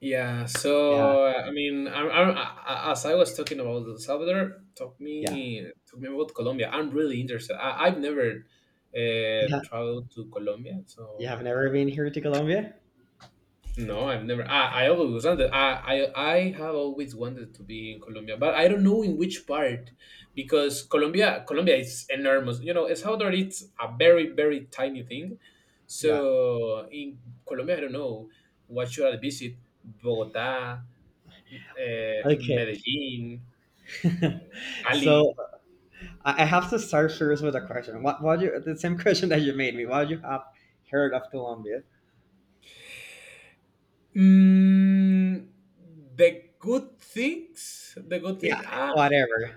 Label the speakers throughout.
Speaker 1: Yeah,
Speaker 2: Yeah,
Speaker 1: so I mean, I, as I was talking about El Salvador, talk
Speaker 2: yeah.
Speaker 1: me talk me about Colombia. I'm really interested. I've never
Speaker 2: Yeah,
Speaker 1: traveled to Colombia,
Speaker 2: you
Speaker 1: so
Speaker 2: have never been here to Colombia?
Speaker 1: no, I've never. I always wanted. I have always wanted to be in Colombia, but I don't know in which part, because Colombia is enormous. You know, El Salvador it's a very very tiny thing,
Speaker 2: Yeah.
Speaker 1: so in Colombia I don't know what should I visit. Bogota,
Speaker 2: Okay.
Speaker 1: Medellín, Cali.
Speaker 2: So I have to start first with a question. What you the same question that you made me. What you have heard of Colombia?
Speaker 1: Mm, the good things, the good
Speaker 2: Yeah,
Speaker 1: things. Ah,
Speaker 2: whatever.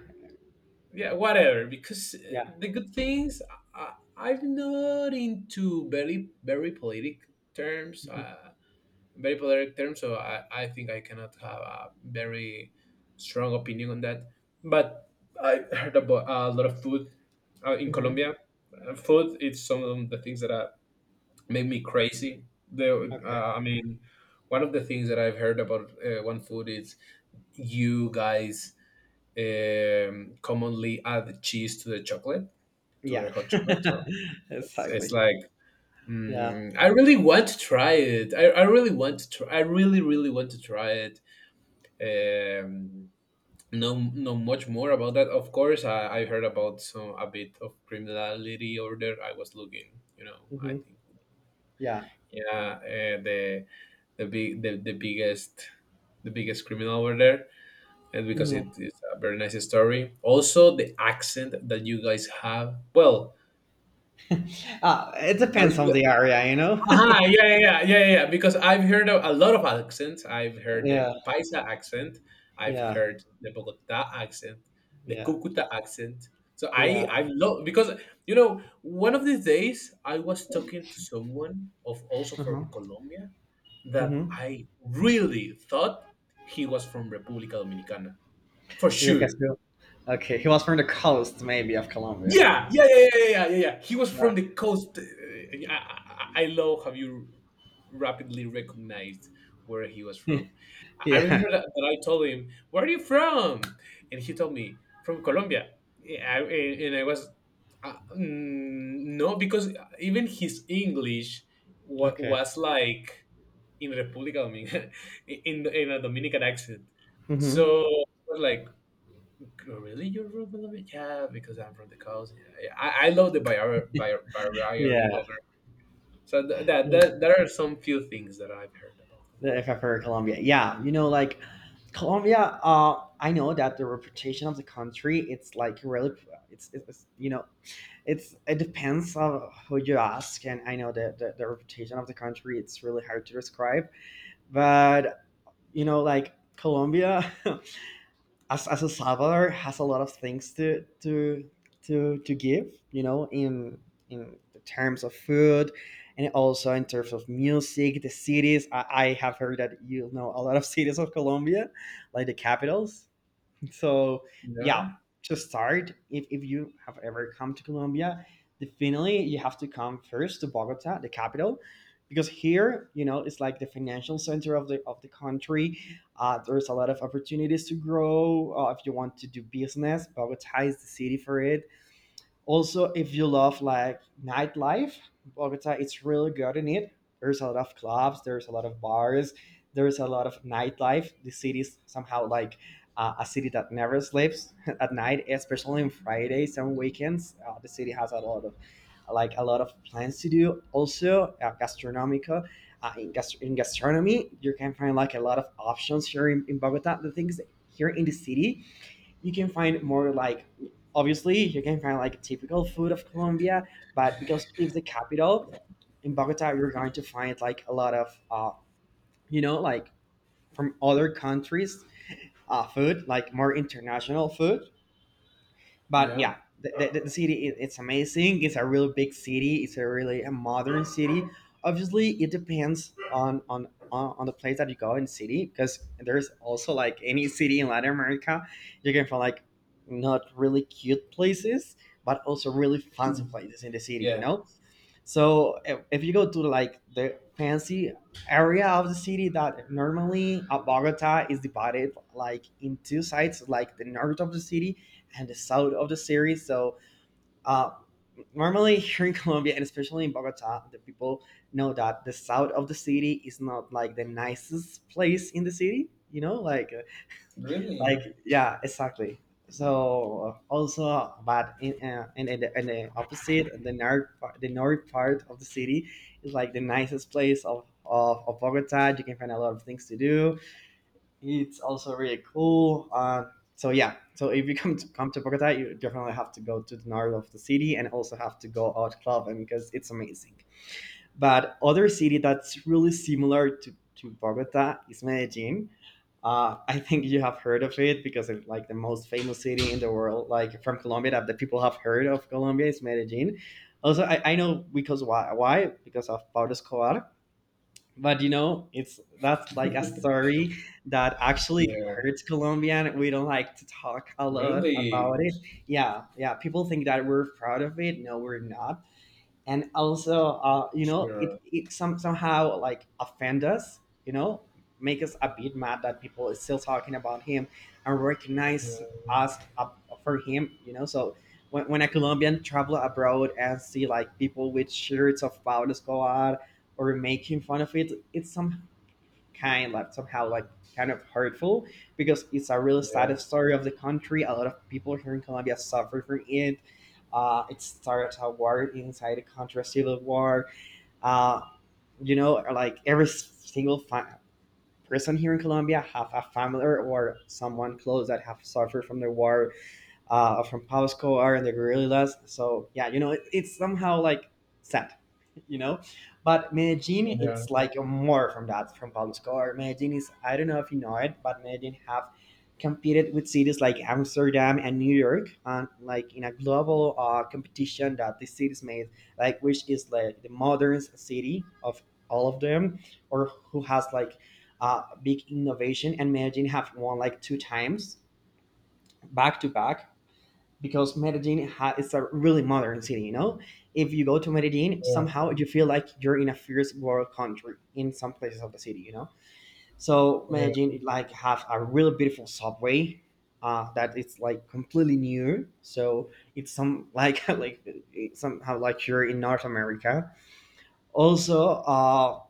Speaker 1: yeah, whatever. Because
Speaker 2: Yeah.
Speaker 1: the good things, I'm not into very, very politic terms.
Speaker 2: Mm-hmm.
Speaker 1: Very politic terms. So I think I cannot have a very strong opinion on that. But I heard about a lot of food in
Speaker 2: Mm-hmm.
Speaker 1: Colombia. Food is some of the things that I made me crazy. The
Speaker 2: Okay.
Speaker 1: I mean, one of the things that I've heard about one food is you guys commonly add cheese to the chocolate, to
Speaker 2: Yeah.
Speaker 1: the hot chocolate. So it's
Speaker 2: Exactly.
Speaker 1: like
Speaker 2: Yeah.
Speaker 1: I really want to try it. I really want to try. I really really want to try it. Um, no, no much more about that. Of course, I heard about some a bit of criminality over there. I was looking, I
Speaker 2: Hmm.
Speaker 1: think,
Speaker 2: Yeah.
Speaker 1: yeah, the big the, the biggest the biggest criminal over there, and because
Speaker 2: Hmm.
Speaker 1: it is a very nice story, also the accent that you guys have. Well,
Speaker 2: It
Speaker 1: I was,
Speaker 2: depends on the area, you know?
Speaker 1: uh-huh, yeah, yeah, yeah, yeah, yeah. Because I've heard a lot of accents. I've heard the
Speaker 2: Yeah.
Speaker 1: Paisa accent. I've
Speaker 2: Yeah.
Speaker 1: heard the Bogota accent, the
Speaker 2: Yeah.
Speaker 1: Cucuta accent. So I,
Speaker 2: Yeah.
Speaker 1: I love, because one of these days I was talking to someone of also
Speaker 2: Uh-huh.
Speaker 1: from Colombia that
Speaker 2: Mm-hmm.
Speaker 1: I really thought he was from República Dominicana for
Speaker 2: Ibe
Speaker 1: sure.
Speaker 2: Castillo. Okay, he was from the coast, maybe, of Colombia.
Speaker 1: Yeah, yeah, yeah, yeah, yeah, yeah, yeah. He was
Speaker 2: Uh,
Speaker 1: from the coast. I, I love how you rapidly recognized where he was from. I
Speaker 2: yeah.
Speaker 1: remember that I told him, "Where are you from?" And he told me, "From Colombia." Yeah, I, and I was, no, because even his English
Speaker 2: Okay.
Speaker 1: was like in República Dominicana, in a Dominican accent.
Speaker 2: Hmm.
Speaker 1: So I was like, "Oh, really, you're from Colombia?" Yeah, because I'm from the coast. Yeah, yeah. I love the barrier
Speaker 2: Yeah.
Speaker 1: over. So th- that
Speaker 2: Yeah.
Speaker 1: that there are some few things that I've heard about
Speaker 2: The-
Speaker 1: Colombia.
Speaker 2: If I've heard Colombia, yeah, you know, like Colombia. I know that the reputation of the country, it's like really, it's you know, it depends on who you ask, and I know that the reputation of the country, it's really hard to describe, but you know, like Colombia, as a Salvador has a lot of things to give, you know, in the terms of food and also in terms of music, the cities. I have heard that you know a lot of cities of Colombia, like the capitals. So
Speaker 1: Yeah,
Speaker 2: yeah, to start, if you have ever come to Colombia, definitely you have to come first to Bogota, the capital, because here, you know, it's like the financial center of the country. There's a lot of opportunities to grow if you want to do business. Bogota is the city for it. Also, if you love like nightlife, Bogota it's really good in it. There's a lot of clubs, there's a lot of bars, there's a lot of nightlife. The city is somehow like a city that never sleeps at night, especially on Fridays and weekends. The city has a lot of like a lot of plans to do. Also, gastronomica. In gastronomy, you can find like a lot of options here in Bogota. The things here in the city, you can find more like obviously you can find like typical food of Colombia, but because it's the capital in Bogota, you're going to find like a lot of you know like from other countries food, like more international food. But
Speaker 1: yeah.
Speaker 2: yeah, the city it, it's amazing. It's a real big city. It's a really a modern city. Obviously, it depends on the place that you go in city because there's also like any city in Latin America, you can find like not really cute places, but also really fancy
Speaker 1: Hmm.
Speaker 2: places in the city. You
Speaker 1: Yeah.
Speaker 2: know, so if you go to like the fancy area of the city that normally Bogota is divided like in two sides, like the north of the city and the south of the series. So uh, normally here in Colombia and especially in Bogota, the people know that the south of the city is not like the nicest place in the city. You know,
Speaker 1: Really,
Speaker 2: like yeah, exactly. So also, but in and in the opposite, the north part of the city is like the nicest place of Bogota. You can find a lot of things to do it's also really cool. So yeah, so if you come to Bogota, you definitely have to go to the north of the city and also have to go out clubbing because it's amazing. But other city that's really similar to Bogota is Medellin. I think you have heard of it because it's like the most famous city in the world, like from Colombia that the people have heard of Colombia is Medellin. Also, I know because why? Why? Because of Pablo Escobar, but you know it's that's like a story that actually
Speaker 1: yeah,
Speaker 2: hurts colombian. We don't like to talk a lot about
Speaker 1: really.
Speaker 2: it. Yeah, yeah, people think that we're proud of it. No, we're not. And also you know it,
Speaker 1: Sure.
Speaker 2: somehow like offend us, you know, make us a bit mad that people is still talking about him and
Speaker 1: Yeah,
Speaker 2: recognize us up for him, you know. So when a colombian travel abroad and see like people with shirts of pablo escobar or making fun of it, it's somehow kind like somehow like kind of hurtful because it's a really
Speaker 1: yeah,
Speaker 2: sad story of the country. A lot of people here in colombia suffer from it. It started a war inside the country, a civil war. uh, you know, like every single person here in colombia have a family or someone close that have suffered from the war from Pasco are and the guerrillas. So yeah, you know, it, it's somehow like sad, you know. But Medellin,
Speaker 1: yeah,
Speaker 2: it's like more from that from Pablo Escobar. Medellin is I don't know if you know it, but Medellin have competed with cities like Amsterdam and New York, and like in a global competition that the cities made, like which is like the modern city of all of them, or who has like big innovation. And Medellin have won like two times back to back because is a really modern city. You know, if you go to Medellin,
Speaker 1: yeah,
Speaker 2: somehow you feel like you're in a first world country in some places of the city. You know, so Medellin
Speaker 1: yeah.
Speaker 2: it, like have a really beautiful subway that it's like completely new. So it's some like like it's somehow like you're in North America. Also,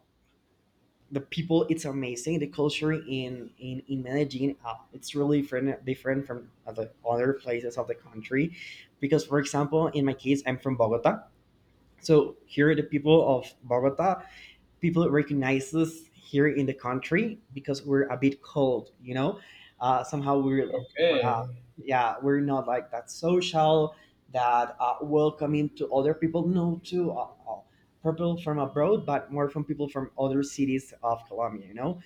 Speaker 2: the people it's amazing the culture in medellin it's really different from the other places of the country because for example in my case I'm from bogota, so here the people of bogota, people recognize us here in the country because we're a bit cold, you know. Somehow we're
Speaker 1: Okay.
Speaker 2: yeah, we're not like that social, that welcoming to other people. No, to people from abroad, but more from people from other cities of Colombia, you know.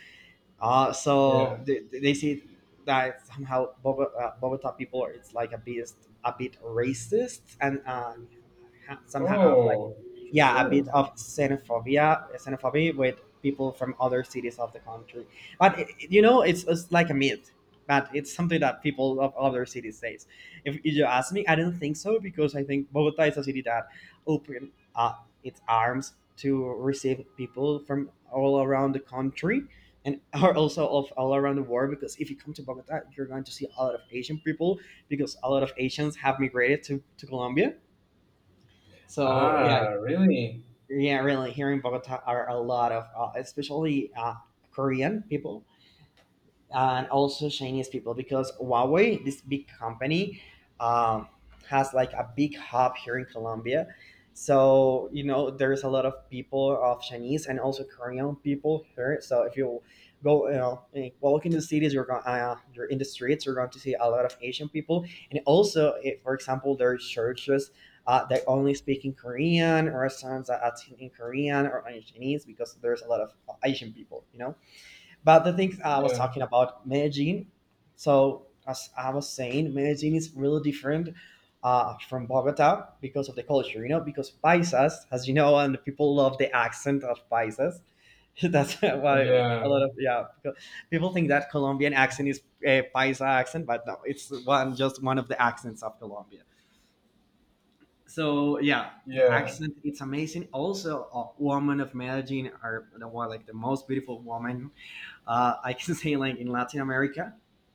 Speaker 2: So
Speaker 1: Yeah.
Speaker 2: they say that somehow Bogota, Bogota people are it's like a bit racist and somehow have like
Speaker 1: Oh,
Speaker 2: yeah a bit
Speaker 1: sure.
Speaker 2: of xenophobia with people from other cities of the country. But it- you know it's like a myth. But it's something that people of other cities says. If you ask me, I don't think so because I think Bogota is a city that opened its arms to receive people from all around the country and are also of all around the world because if you come to Bogota, you're going to see a lot of Asian people because a lot of Asians have migrated to Colombia. So yeah,
Speaker 1: Ah, really?
Speaker 2: yeah, really here in Bogota are a lot of especially Korean people and also Chinese people because Huawei, this big company, um, has like a big hub here in Colombia. So you know there's a lot of people of Chinese and also Korean people here. So if you go, you know, walk in the cities, you're going, you're in the streets, you're going to see a lot of Asian people. And also, if, for example, there are churches that only speak in Korean, or restaurants that are in Korean or in Chinese because there's a lot of Asian people. You know. But the things I was
Speaker 1: Yeah,
Speaker 2: talking about Medellin. So as I was saying, Medellin is really different from Bogota because of the culture, you know, because Paisas, as you know, and people love the accent of Paisas. That's why
Speaker 1: yeah,
Speaker 2: a lot of yeah because people think that Colombian accent is a Paisa accent, but no, it's one just one of the accents of Colombia. So yeah, the
Speaker 1: yeah,
Speaker 2: accent it's amazing. Also, a woman of Medellin are the one like the most beautiful woman I can say like in Latin America,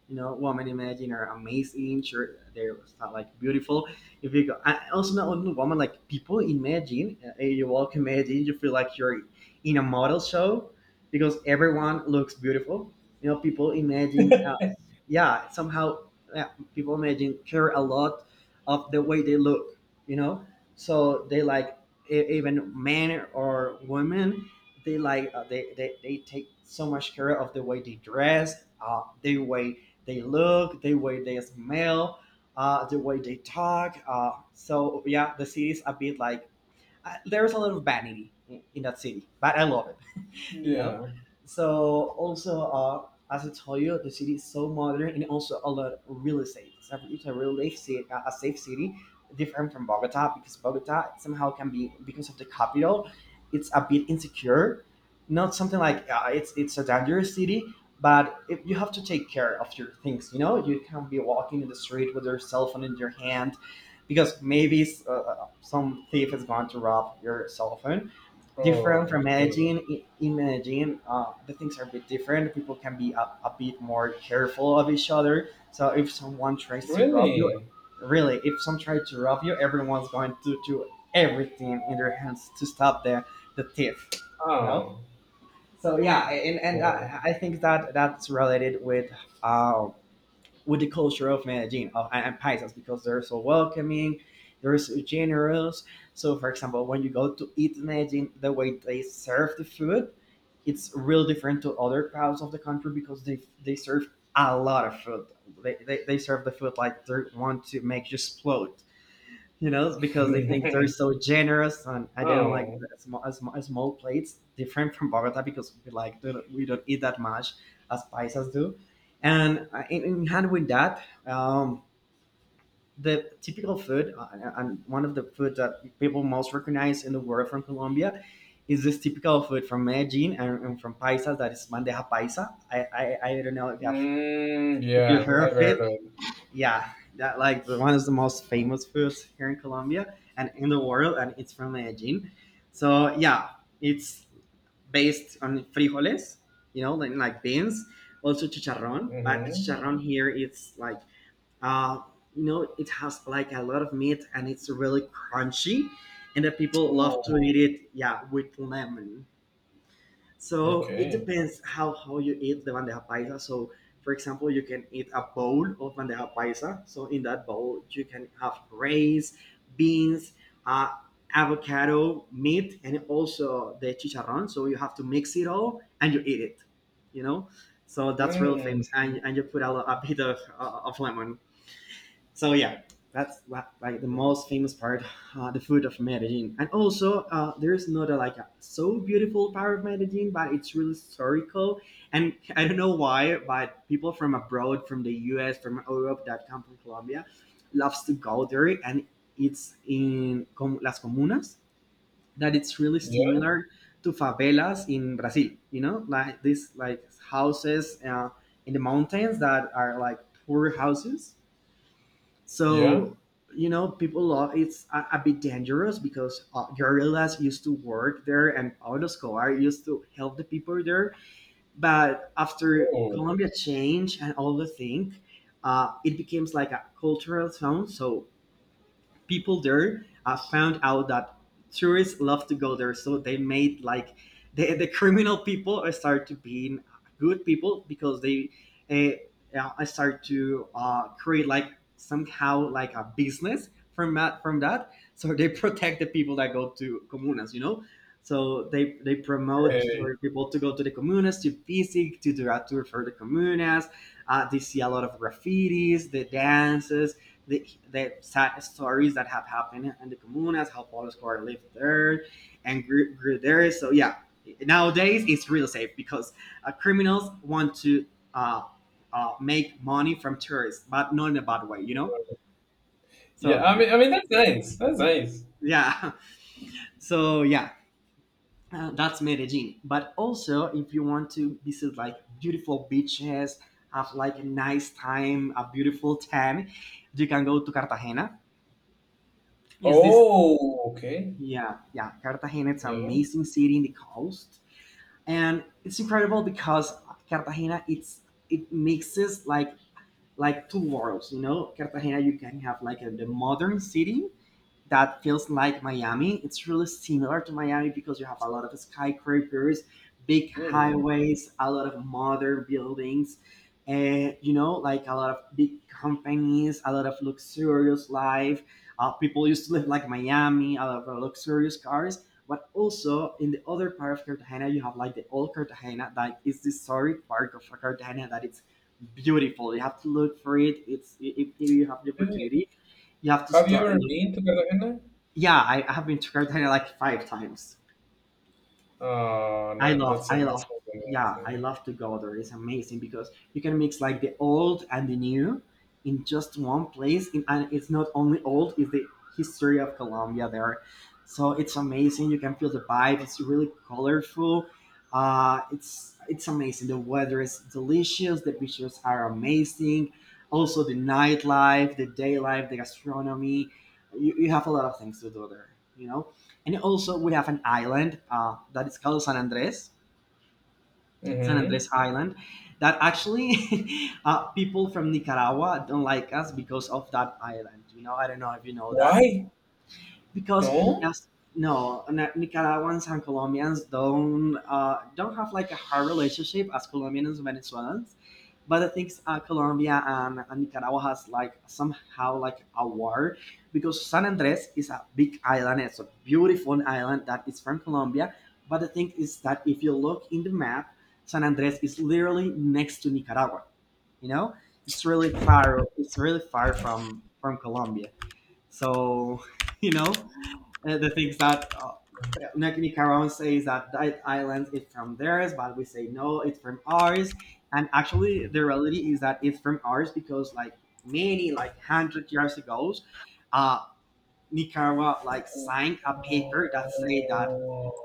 Speaker 2: you know, women imagine are amazing. Sure, they're like beautiful. If you go, I also not only women, like people imagine, you walk imagine, you feel like you're in a model show because everyone looks beautiful. You know, people imagine, yeah, somehow yeah, people imagine care a lot of the way they look. You know, so they like even men or women they like they take so much care of the way they dress the way they look the way they smell the way they talk so yeah the city's a bit like there's a lot of vanity in that city but I love it you know.
Speaker 1: yeah.
Speaker 2: So also, as I told you, the city is so modern and also a lot of real estate. It's a real estate, a safe city, different from Bogota. Because Bogota somehow can be, because of the capital, it's a bit insecure. Not something like, it's a dangerous city, but if you have to take care of your things. You know, you can't be walking in the street with your cell phone in your hand, because maybe some thief is going to rob your cell phone, different
Speaker 1: Oh,
Speaker 2: from
Speaker 1: sure.
Speaker 2: managing. In managing, the things are a bit different. People can be a bit more careful of each other. So if someone tries to rob you,
Speaker 1: Really?
Speaker 2: really, if someone tries to rob you, everyone's going to do everything in their hands to stop the thief. You know.
Speaker 1: Oh,
Speaker 2: So yeah, and and
Speaker 1: yeah.
Speaker 2: I, I think that that's related with, uh, with the culture of Medellin, and Paisas, because they're so welcoming, they're so generous. So, for example, when you go to eat in Medellin, the way they serve the food, it's real different to other parts of the country, because they serve a lot of food. They serve the food like they want to make you explode. You know, it's because they think they're so generous, and I don't like
Speaker 1: Oh,
Speaker 2: the small plates, different from Bogota, because we like we don't eat that much as paisas do. And in hand with that, the typical food, and one of the food that people most recognize in the world from Colombia is this typical food from Medellin and from paisas, that is bandeja paisa. I don't know if you have,
Speaker 1: mm,
Speaker 2: if you
Speaker 1: yeah, I've
Speaker 2: heard of
Speaker 1: heard
Speaker 2: it.
Speaker 1: of.
Speaker 2: Yeah, that like the one is the most famous foods here in Colombia and in the world, and it's from Medellin. So yeah, it's based on frijoles, you know, like beans, also chicharrón. But the
Speaker 1: Mm-hmm.
Speaker 2: chicharrón here, it's like, uh, you know, it has like a lot of meat and it's really crunchy, and the people love to
Speaker 1: Oh,
Speaker 2: eat it. Yeah, with lemon. So it
Speaker 1: okay.
Speaker 2: depends how you eat the bandeja paisa. So for example, you can eat a bowl of bandeja paisa. So in that bowl, you can have rice, beans, uh, avocado, meat, and also the chicharrón. So you have to mix it all and you eat it. You know, so that's real
Speaker 1: Mm,
Speaker 2: famous. And you put a bit of of lemon. So yeah, that's like the
Speaker 1: oh,
Speaker 2: most famous part, the food of Medellin. And also, there's not a, like a so beautiful part of Medellin, but it's really historical. And I don't know why, but people from abroad, from the U.S., from Europe, that come from Colombia, loves to go there. And it's in las comunas, that it's really
Speaker 1: yeah,
Speaker 2: similar to favelas in Brazil. You know, like these like houses in the mountains, that are like poor houses.
Speaker 1: yeah.
Speaker 2: So you know, people love, it's a bit dangerous, because guerrillas used to work there, and Pablo Escobar used to help the people there. But after
Speaker 1: Oh,
Speaker 2: Colombia change and all the thing, it becomes like a cultural zone. So people there, found out that tourists love to go there, so they made like the criminal people start to being good people, because they uh, start to create like somehow like a business from that, from that. So they protect the people that go to comunas, you know. So they promote
Speaker 1: okay.
Speaker 2: for people to go to the comunas, to visit, to do a tour for the comunas. They see a lot of graffitis, the dances, the, the sad stories that have happened in the comunas, how Pablo Escobar lived there and grew there. So yeah, nowadays it's real safe, because criminals want to uh, make money from tourists, but not in a bad way, you know.
Speaker 1: Yeah,
Speaker 2: So
Speaker 1: I mean, I mean that's nice. That's nice.
Speaker 2: yeah, so yeah, that's Medellin. But also, if you want to visit like beautiful beaches, have like a nice time, a beautiful tan, you can go to Cartagena. Is this,
Speaker 1: Oh, okay.
Speaker 2: yeah, yeah. Cartagena, it's an
Speaker 1: Yeah.
Speaker 2: amazing city in the coast, and it's incredible because Cartagena, it's, it mixes like two worlds. You know, Cartagena, you can have like a, the modern city that feels like Miami. It's really similar to Miami because you have a lot of skyscrapers, big
Speaker 1: Ooh.
Speaker 2: highways, a lot of modern buildings, and you know, like a lot of big companies, a lot of luxurious life. People used to live like Miami, a lot of luxurious cars. But also in the other part of Cartagena, you have like the old Cartagena, that is the historic part of Cartagena, that it's beautiful. You have to look for it. It's, if you have the
Speaker 1: Okay.
Speaker 2: opportunity, you have to
Speaker 1: Have you
Speaker 2: start.
Speaker 1: ever been to Cartagena?
Speaker 2: Yeah, I have been to Cartagena like five times.
Speaker 1: Oh,
Speaker 2: I
Speaker 1: no,
Speaker 2: love,
Speaker 1: that's
Speaker 2: I
Speaker 1: that's
Speaker 2: love,
Speaker 1: not
Speaker 2: yeah, I
Speaker 1: amazing.
Speaker 2: love to go there. It's amazing because you can mix like the old and the new in just one place, in, and it's not only old; it's the history of Colombia there. So it's amazing. You can feel the vibe. It's really colorful. It's amazing. The weather is delicious. The beaches are amazing. Also, the nightlife, the day life, the gastronomy. You have a lot of things to do there. You know. And also, we have an island that is called San Andres, San Andres
Speaker 1: Mm-hmm.
Speaker 2: Island, that actually, people from Nicaragua don't like us because of that island. You know, I don't know if you know that,
Speaker 1: Why?
Speaker 2: because
Speaker 1: No?
Speaker 2: as, no nicaraguans and colombians don't, don't have like a hard relationship as colombians and venezuelans, but the things, colombia and nicaragua has like somehow like a war, because san andres is a big island, it's a beautiful island that is from colombia, but the thing is that if you look in the map, san andres is literally next to nicaragua, you know, it's really far, it's really far from colombia, so you know, the things that Nakini Karon says that that island is from theirs, but we say no, it's from ours. And actually, the reality is that it's from ours because, like, many, like hundred years ago, uh, Nicaragua like signed a paper that said that.
Speaker 1: Oh.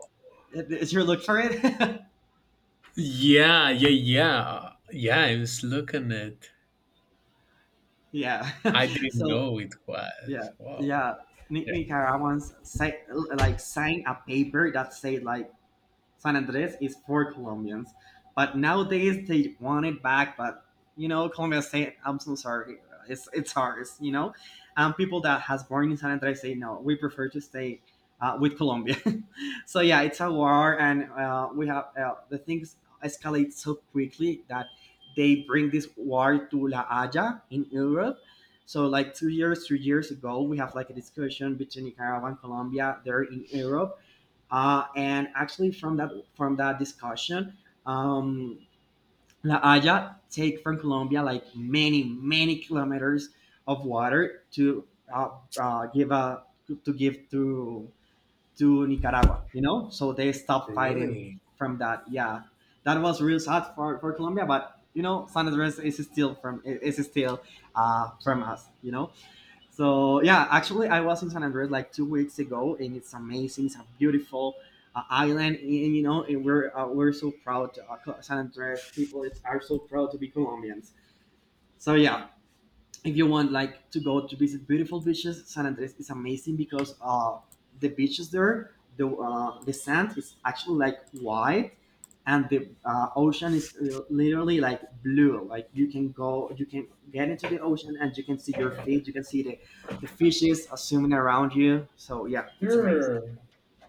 Speaker 2: Is your look for it?
Speaker 1: Yeah, yeah, yeah. Yeah,
Speaker 2: yeah.
Speaker 1: I didn't
Speaker 2: so
Speaker 1: know it
Speaker 2: yeah,
Speaker 1: was. Wow.
Speaker 2: yeah.
Speaker 1: Yeah.
Speaker 2: Nicaraguans, say, like sign a paper that say like San Andres is for Colombians, but nowadays they want it back. But you know, Colombia say, "I'm so sorry, it's ours." You know, and people that has born in San Andres say, "No, we prefer to stay with Colombia." so yeah, it's a war, and we have, the things escalate so quickly, that they bring this war to La Haya in Europe. So like 2 years, 3 years ago, we have like a discussion between Nicaragua and Colombia there in Europe, and actually, from that, from that discussion, um, La Haya take from Colombia like many kilometers of water to, uh, give a, to give to Nicaragua. You know, so they stopped fighting
Speaker 1: Really?
Speaker 2: from that. Yeah, that was real sad for Colombia, but you know, San Andres is still from, is still from us. You know. So yeah, actually, I was in San Andres like 2 weeks ago, and it's amazing. It's a beautiful island, and you know, and we're, we're so proud. San Andres people is, are so proud to be Colombians. So yeah, if you want like to go to visit beautiful beaches, san andres is amazing, because the beaches there, the sand is actually like white, and the, ocean is literally like blue, like you can go, you can get into the ocean and you can see your feet, you can see the fishes are swimming around you, so yeah it's amazing,
Speaker 1: Sure.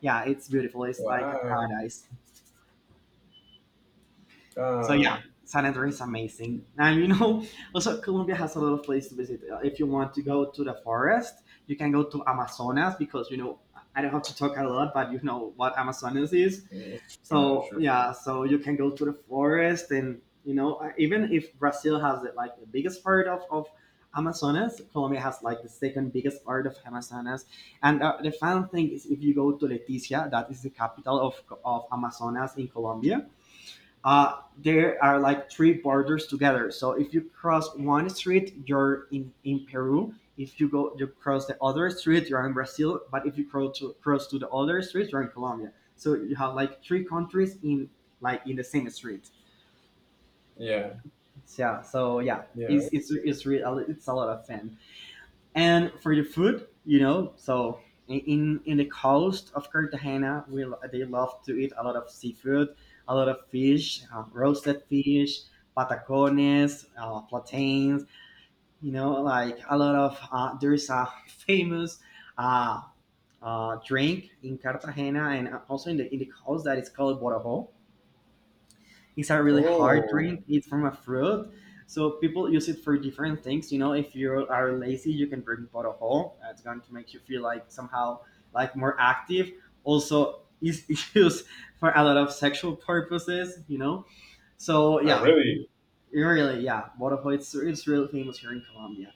Speaker 2: yeah it's beautiful, it's like a
Speaker 1: Wow.
Speaker 2: paradise. So yeah,
Speaker 1: Uh,
Speaker 2: San Andreas is amazing. And you know, also Colombia has a lot of places to visit. If you want to go to the forest, you can go to Amazonas, because you know, I don't have to talk a lot, but you know what Amazonas is.
Speaker 1: mm, sure,
Speaker 2: So
Speaker 1: sure, sure.
Speaker 2: yeah, so you can go to the forest, and you know, even if Brazil has the, like the biggest part of Amazonas, Colombia has like the second biggest part of Amazonas. And the fun thing is, if you go to Leticia, that is the capital of Amazonas in Colombia, there are like three borders together. So if you cross one street, you're in Peru. If you go, you cross the other street, you're in Brazil. But if you cross to the other street, you're in Colombia. So you have like three countries in like in the same street.
Speaker 1: Yeah,
Speaker 2: So yeah,
Speaker 1: yeah.
Speaker 2: it's really it's a lot of fun and for the food, so in the coast of Cartagena, we they love to eat a lot of seafood, a lot of fish, roasted fish, patacones, plantains. You know, like a lot of there's a famous uh, drink in Cartagena and also in the coast that is called borabo. It's a really hard drink.
Speaker 1: Oh,
Speaker 2: It's from a fruit, so people use it for different things. You know, if you are lazy, you can drink bottle. It's going to make you feel like somehow like more active. Also, it's used for a lot of sexual purposes. You know, so
Speaker 1: I
Speaker 2: yeah,
Speaker 1: really.
Speaker 2: really, yeah, bottle. It's really famous here in Colombia.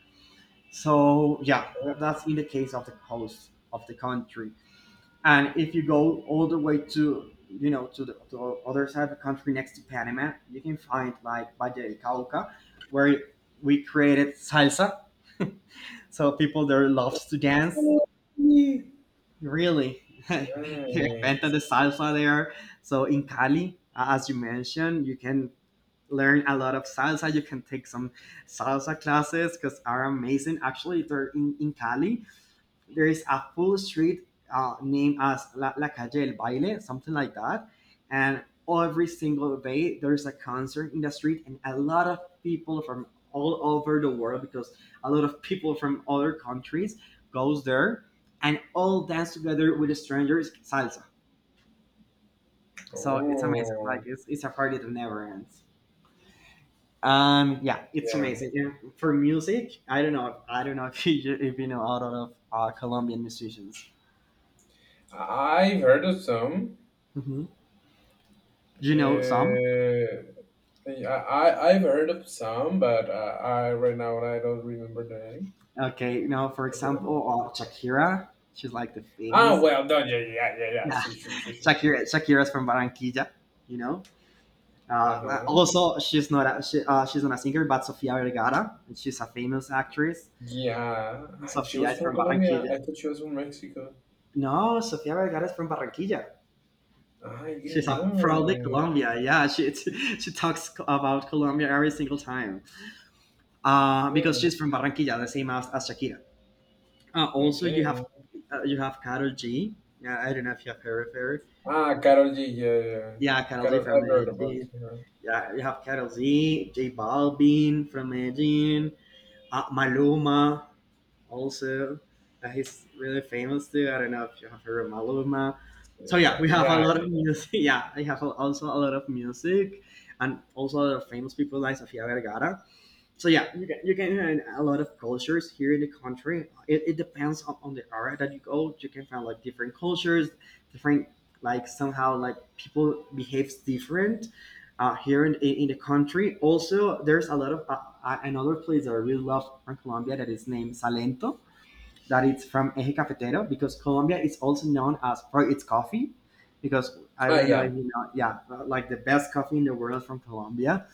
Speaker 2: So yeah, that's in the case of the coast of the country. And if you go all the way to, you know, to the other side of the country next to Panama, you can find like Valle del Cauca, where we created salsa. So people there loves to dance.
Speaker 1: Oh, nice.
Speaker 2: Really, they invented the salsa there. So in Cali, as you mentioned, you can learn a lot of salsa. You can take some salsa classes because are amazing. Actually, they're in Cali there is a full street named as La Calle del Baile, something like that. And every single day there's a concert in the street, and a lot of people from all over the world, because a lot of people from other countries goes there, and all dance together with the strangers salsa. So it's amazing. Like
Speaker 1: Oh,
Speaker 2: it's a party that never ends. Yeah, it's
Speaker 1: yeah.
Speaker 2: amazing. And for music, I don't know. I don't know if you know a lot of Colombian musicians.
Speaker 1: I've heard of some.
Speaker 2: Mhm. Do you know some?
Speaker 1: Uh, I've heard of some, but I right now I don't remember the name.
Speaker 2: Okay, you know, for
Speaker 1: Yeah.
Speaker 2: example, Shakira. She's like the
Speaker 1: Ah,
Speaker 2: famous.
Speaker 1: well done. Yeah, yeah, yeah, yeah. Yeah.
Speaker 2: Yeah,
Speaker 1: See, sure, sure, sure.
Speaker 2: Shakira. Shakira's from Barranquilla. You know.
Speaker 1: Uh huh.
Speaker 2: Also, she's not a singer, but Sofia Vergara. And she's a famous actress.
Speaker 1: Yeah, she
Speaker 2: Sofia
Speaker 1: was
Speaker 2: is
Speaker 1: from
Speaker 2: from
Speaker 1: Colombia.
Speaker 2: Barranquilla.
Speaker 1: I thought she was from Mexico.
Speaker 2: No, Sofia Vergara is from Barranquilla.
Speaker 1: Ah, I didn't
Speaker 2: She's a, from the
Speaker 1: know.
Speaker 2: Colombia. Yeah, she she talks about Colombia every single time. Because
Speaker 1: Okay,
Speaker 2: she's from Barranquilla, the same as Shakira. Also,
Speaker 1: okay.
Speaker 2: you have Carol G. Yeah, I don't know if you have heard of her.
Speaker 1: Ah, Carol G. Yeah, yeah.
Speaker 2: Yeah, Carol G
Speaker 1: Carol,
Speaker 2: from
Speaker 1: I've heard about
Speaker 2: Medellin.
Speaker 1: her.
Speaker 2: Yeah, you have Carol G, J Balvin from Medellin, Maluma also. He's really famous too. I don't know if you have heard of Maluma.
Speaker 1: Yeah,
Speaker 2: So yeah,
Speaker 1: yeah.
Speaker 2: we have a
Speaker 1: Yeah,
Speaker 2: lot of
Speaker 1: yeah.
Speaker 2: music. Yeah, I have also a lot of music, and also a lot of famous people like Sofia Vergara. So yeah, you can find a lot of cultures here in the country. It depends on the area that you go. You can find like different cultures, different, like somehow like people behaves different, here in the country. Also, there's a lot of another place that I really love from Colombia that is named Salento, that it's from Eje Cafetero, because Colombia is also known as for its coffee. Because I
Speaker 1: Ah,
Speaker 2: don't know if
Speaker 1: yeah.
Speaker 2: you know, yeah, like the best coffee in the world from Colombia.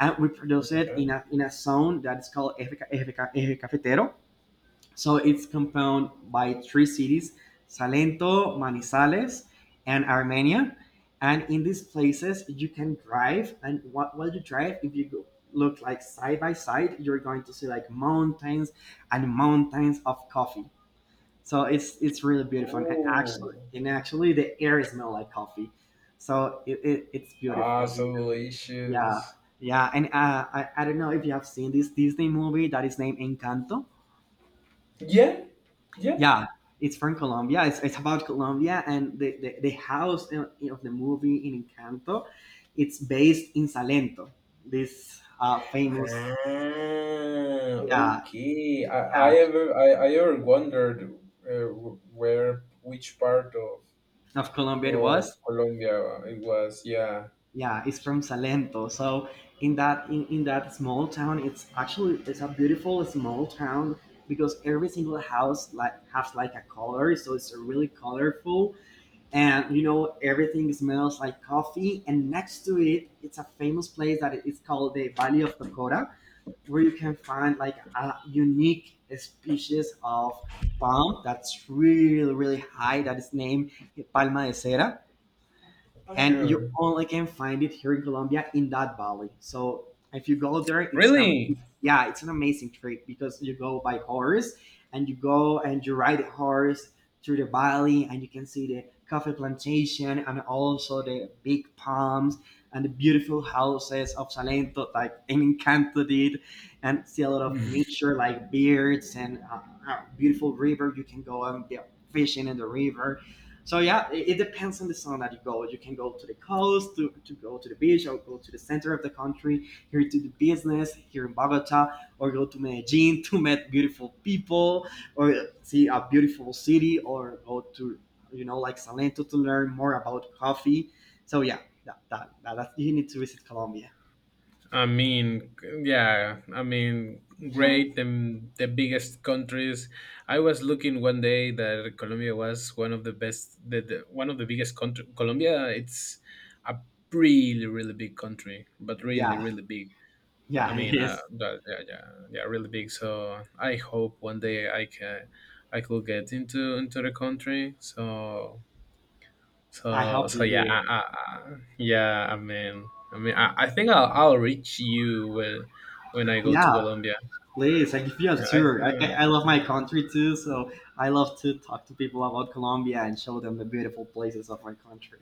Speaker 2: And we produce it
Speaker 1: Yeah.
Speaker 2: in a zone that is called Eje Cafetero. So it's compounded by three cities, Salento, Manizales, and Armenia. And in these places, you can drive. And what while you drive, if you go, look like side by side, you're going to see like mountains and mountains of coffee. So it's really beautiful,
Speaker 1: Oh,
Speaker 2: and actually, the air smells like coffee. So it's
Speaker 1: ah,
Speaker 2: beautiful.
Speaker 1: so
Speaker 2: Yeah,
Speaker 1: delicious.
Speaker 2: yeah, and I don't know if you have seen this Disney movie that is named Encanto.
Speaker 1: Yeah, yeah.
Speaker 2: Yeah, it's from Colombia. It's about Colombia, and the house of the movie in Encanto, it's based in Salento, this famous
Speaker 1: Ah,
Speaker 2: yeah,
Speaker 1: okay. I, I
Speaker 2: yeah,
Speaker 1: ever I, I ever wondered uh, where which part of
Speaker 2: of Colombia it
Speaker 1: of
Speaker 2: was.
Speaker 1: Colombia it was. Yeah,
Speaker 2: Yeah, it's from Salento. So in that in that small town, it's actually, it's a beautiful small town, because every single house like has like a color, so it's really colorful. And you know, everything smells like coffee, and next to it it's a famous place that is called the Valley of Cocora, where you can find like a unique species of palm that's really really high that is named Palma de Cera. And you
Speaker 1: sure.
Speaker 2: only can find it here in Colombia in that valley. So if you go there, it's an
Speaker 1: Really?
Speaker 2: amazing, yeah, it's an amazing trip, because you go by horse and you go and you ride a horse through the valley, and you can see the coffee plantation and also the big palms and the beautiful houses of Salento, like in Encanto did, and see a lot of nature like birds and a beautiful river. You can go and be fishing in the river. So yeah, it depends on the zone that you go. You can go to the coast, to go to the beach, or go to the center of the country, here to do business, here in Bogota, or go to Medellin to meet beautiful people, or see a beautiful city, or go to, you know, like Salento to learn more about coffee. So yeah, that you need to visit Colombia.
Speaker 1: I mean, yeah. I mean, great. And the biggest countries. I was looking one day that Colombia was one of the best. The one of the biggest country. Colombia. It's a really really big country, but really
Speaker 2: Yeah,
Speaker 1: really big. I
Speaker 2: yeah, it
Speaker 1: mean,
Speaker 2: is.
Speaker 1: that, yeah, yeah, yeah, really big. So I hope one day I could get into the country. So
Speaker 2: I
Speaker 1: so
Speaker 2: hope
Speaker 1: so
Speaker 2: you
Speaker 1: yeah,
Speaker 2: do.
Speaker 1: yeah. I mean, I think I'll reach you when I go to
Speaker 2: Yeah,
Speaker 1: Colombia.
Speaker 2: please, I give you a
Speaker 1: Yeah, I
Speaker 2: tour.
Speaker 1: think.
Speaker 2: I love my country too, so I love to talk to people about Colombia and show them the beautiful places of my country.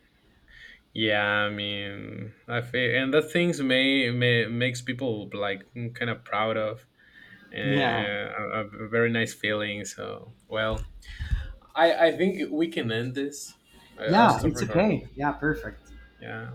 Speaker 1: Yeah, I mean, I feel, and that things may makes people like kind of proud of,
Speaker 2: Yeah,
Speaker 1: and a very nice feeling. So well, I think we can end this. I'll
Speaker 2: yeah,
Speaker 1: stop
Speaker 2: it's
Speaker 1: recording.
Speaker 2: okay. Yeah, perfect.
Speaker 1: Yeah.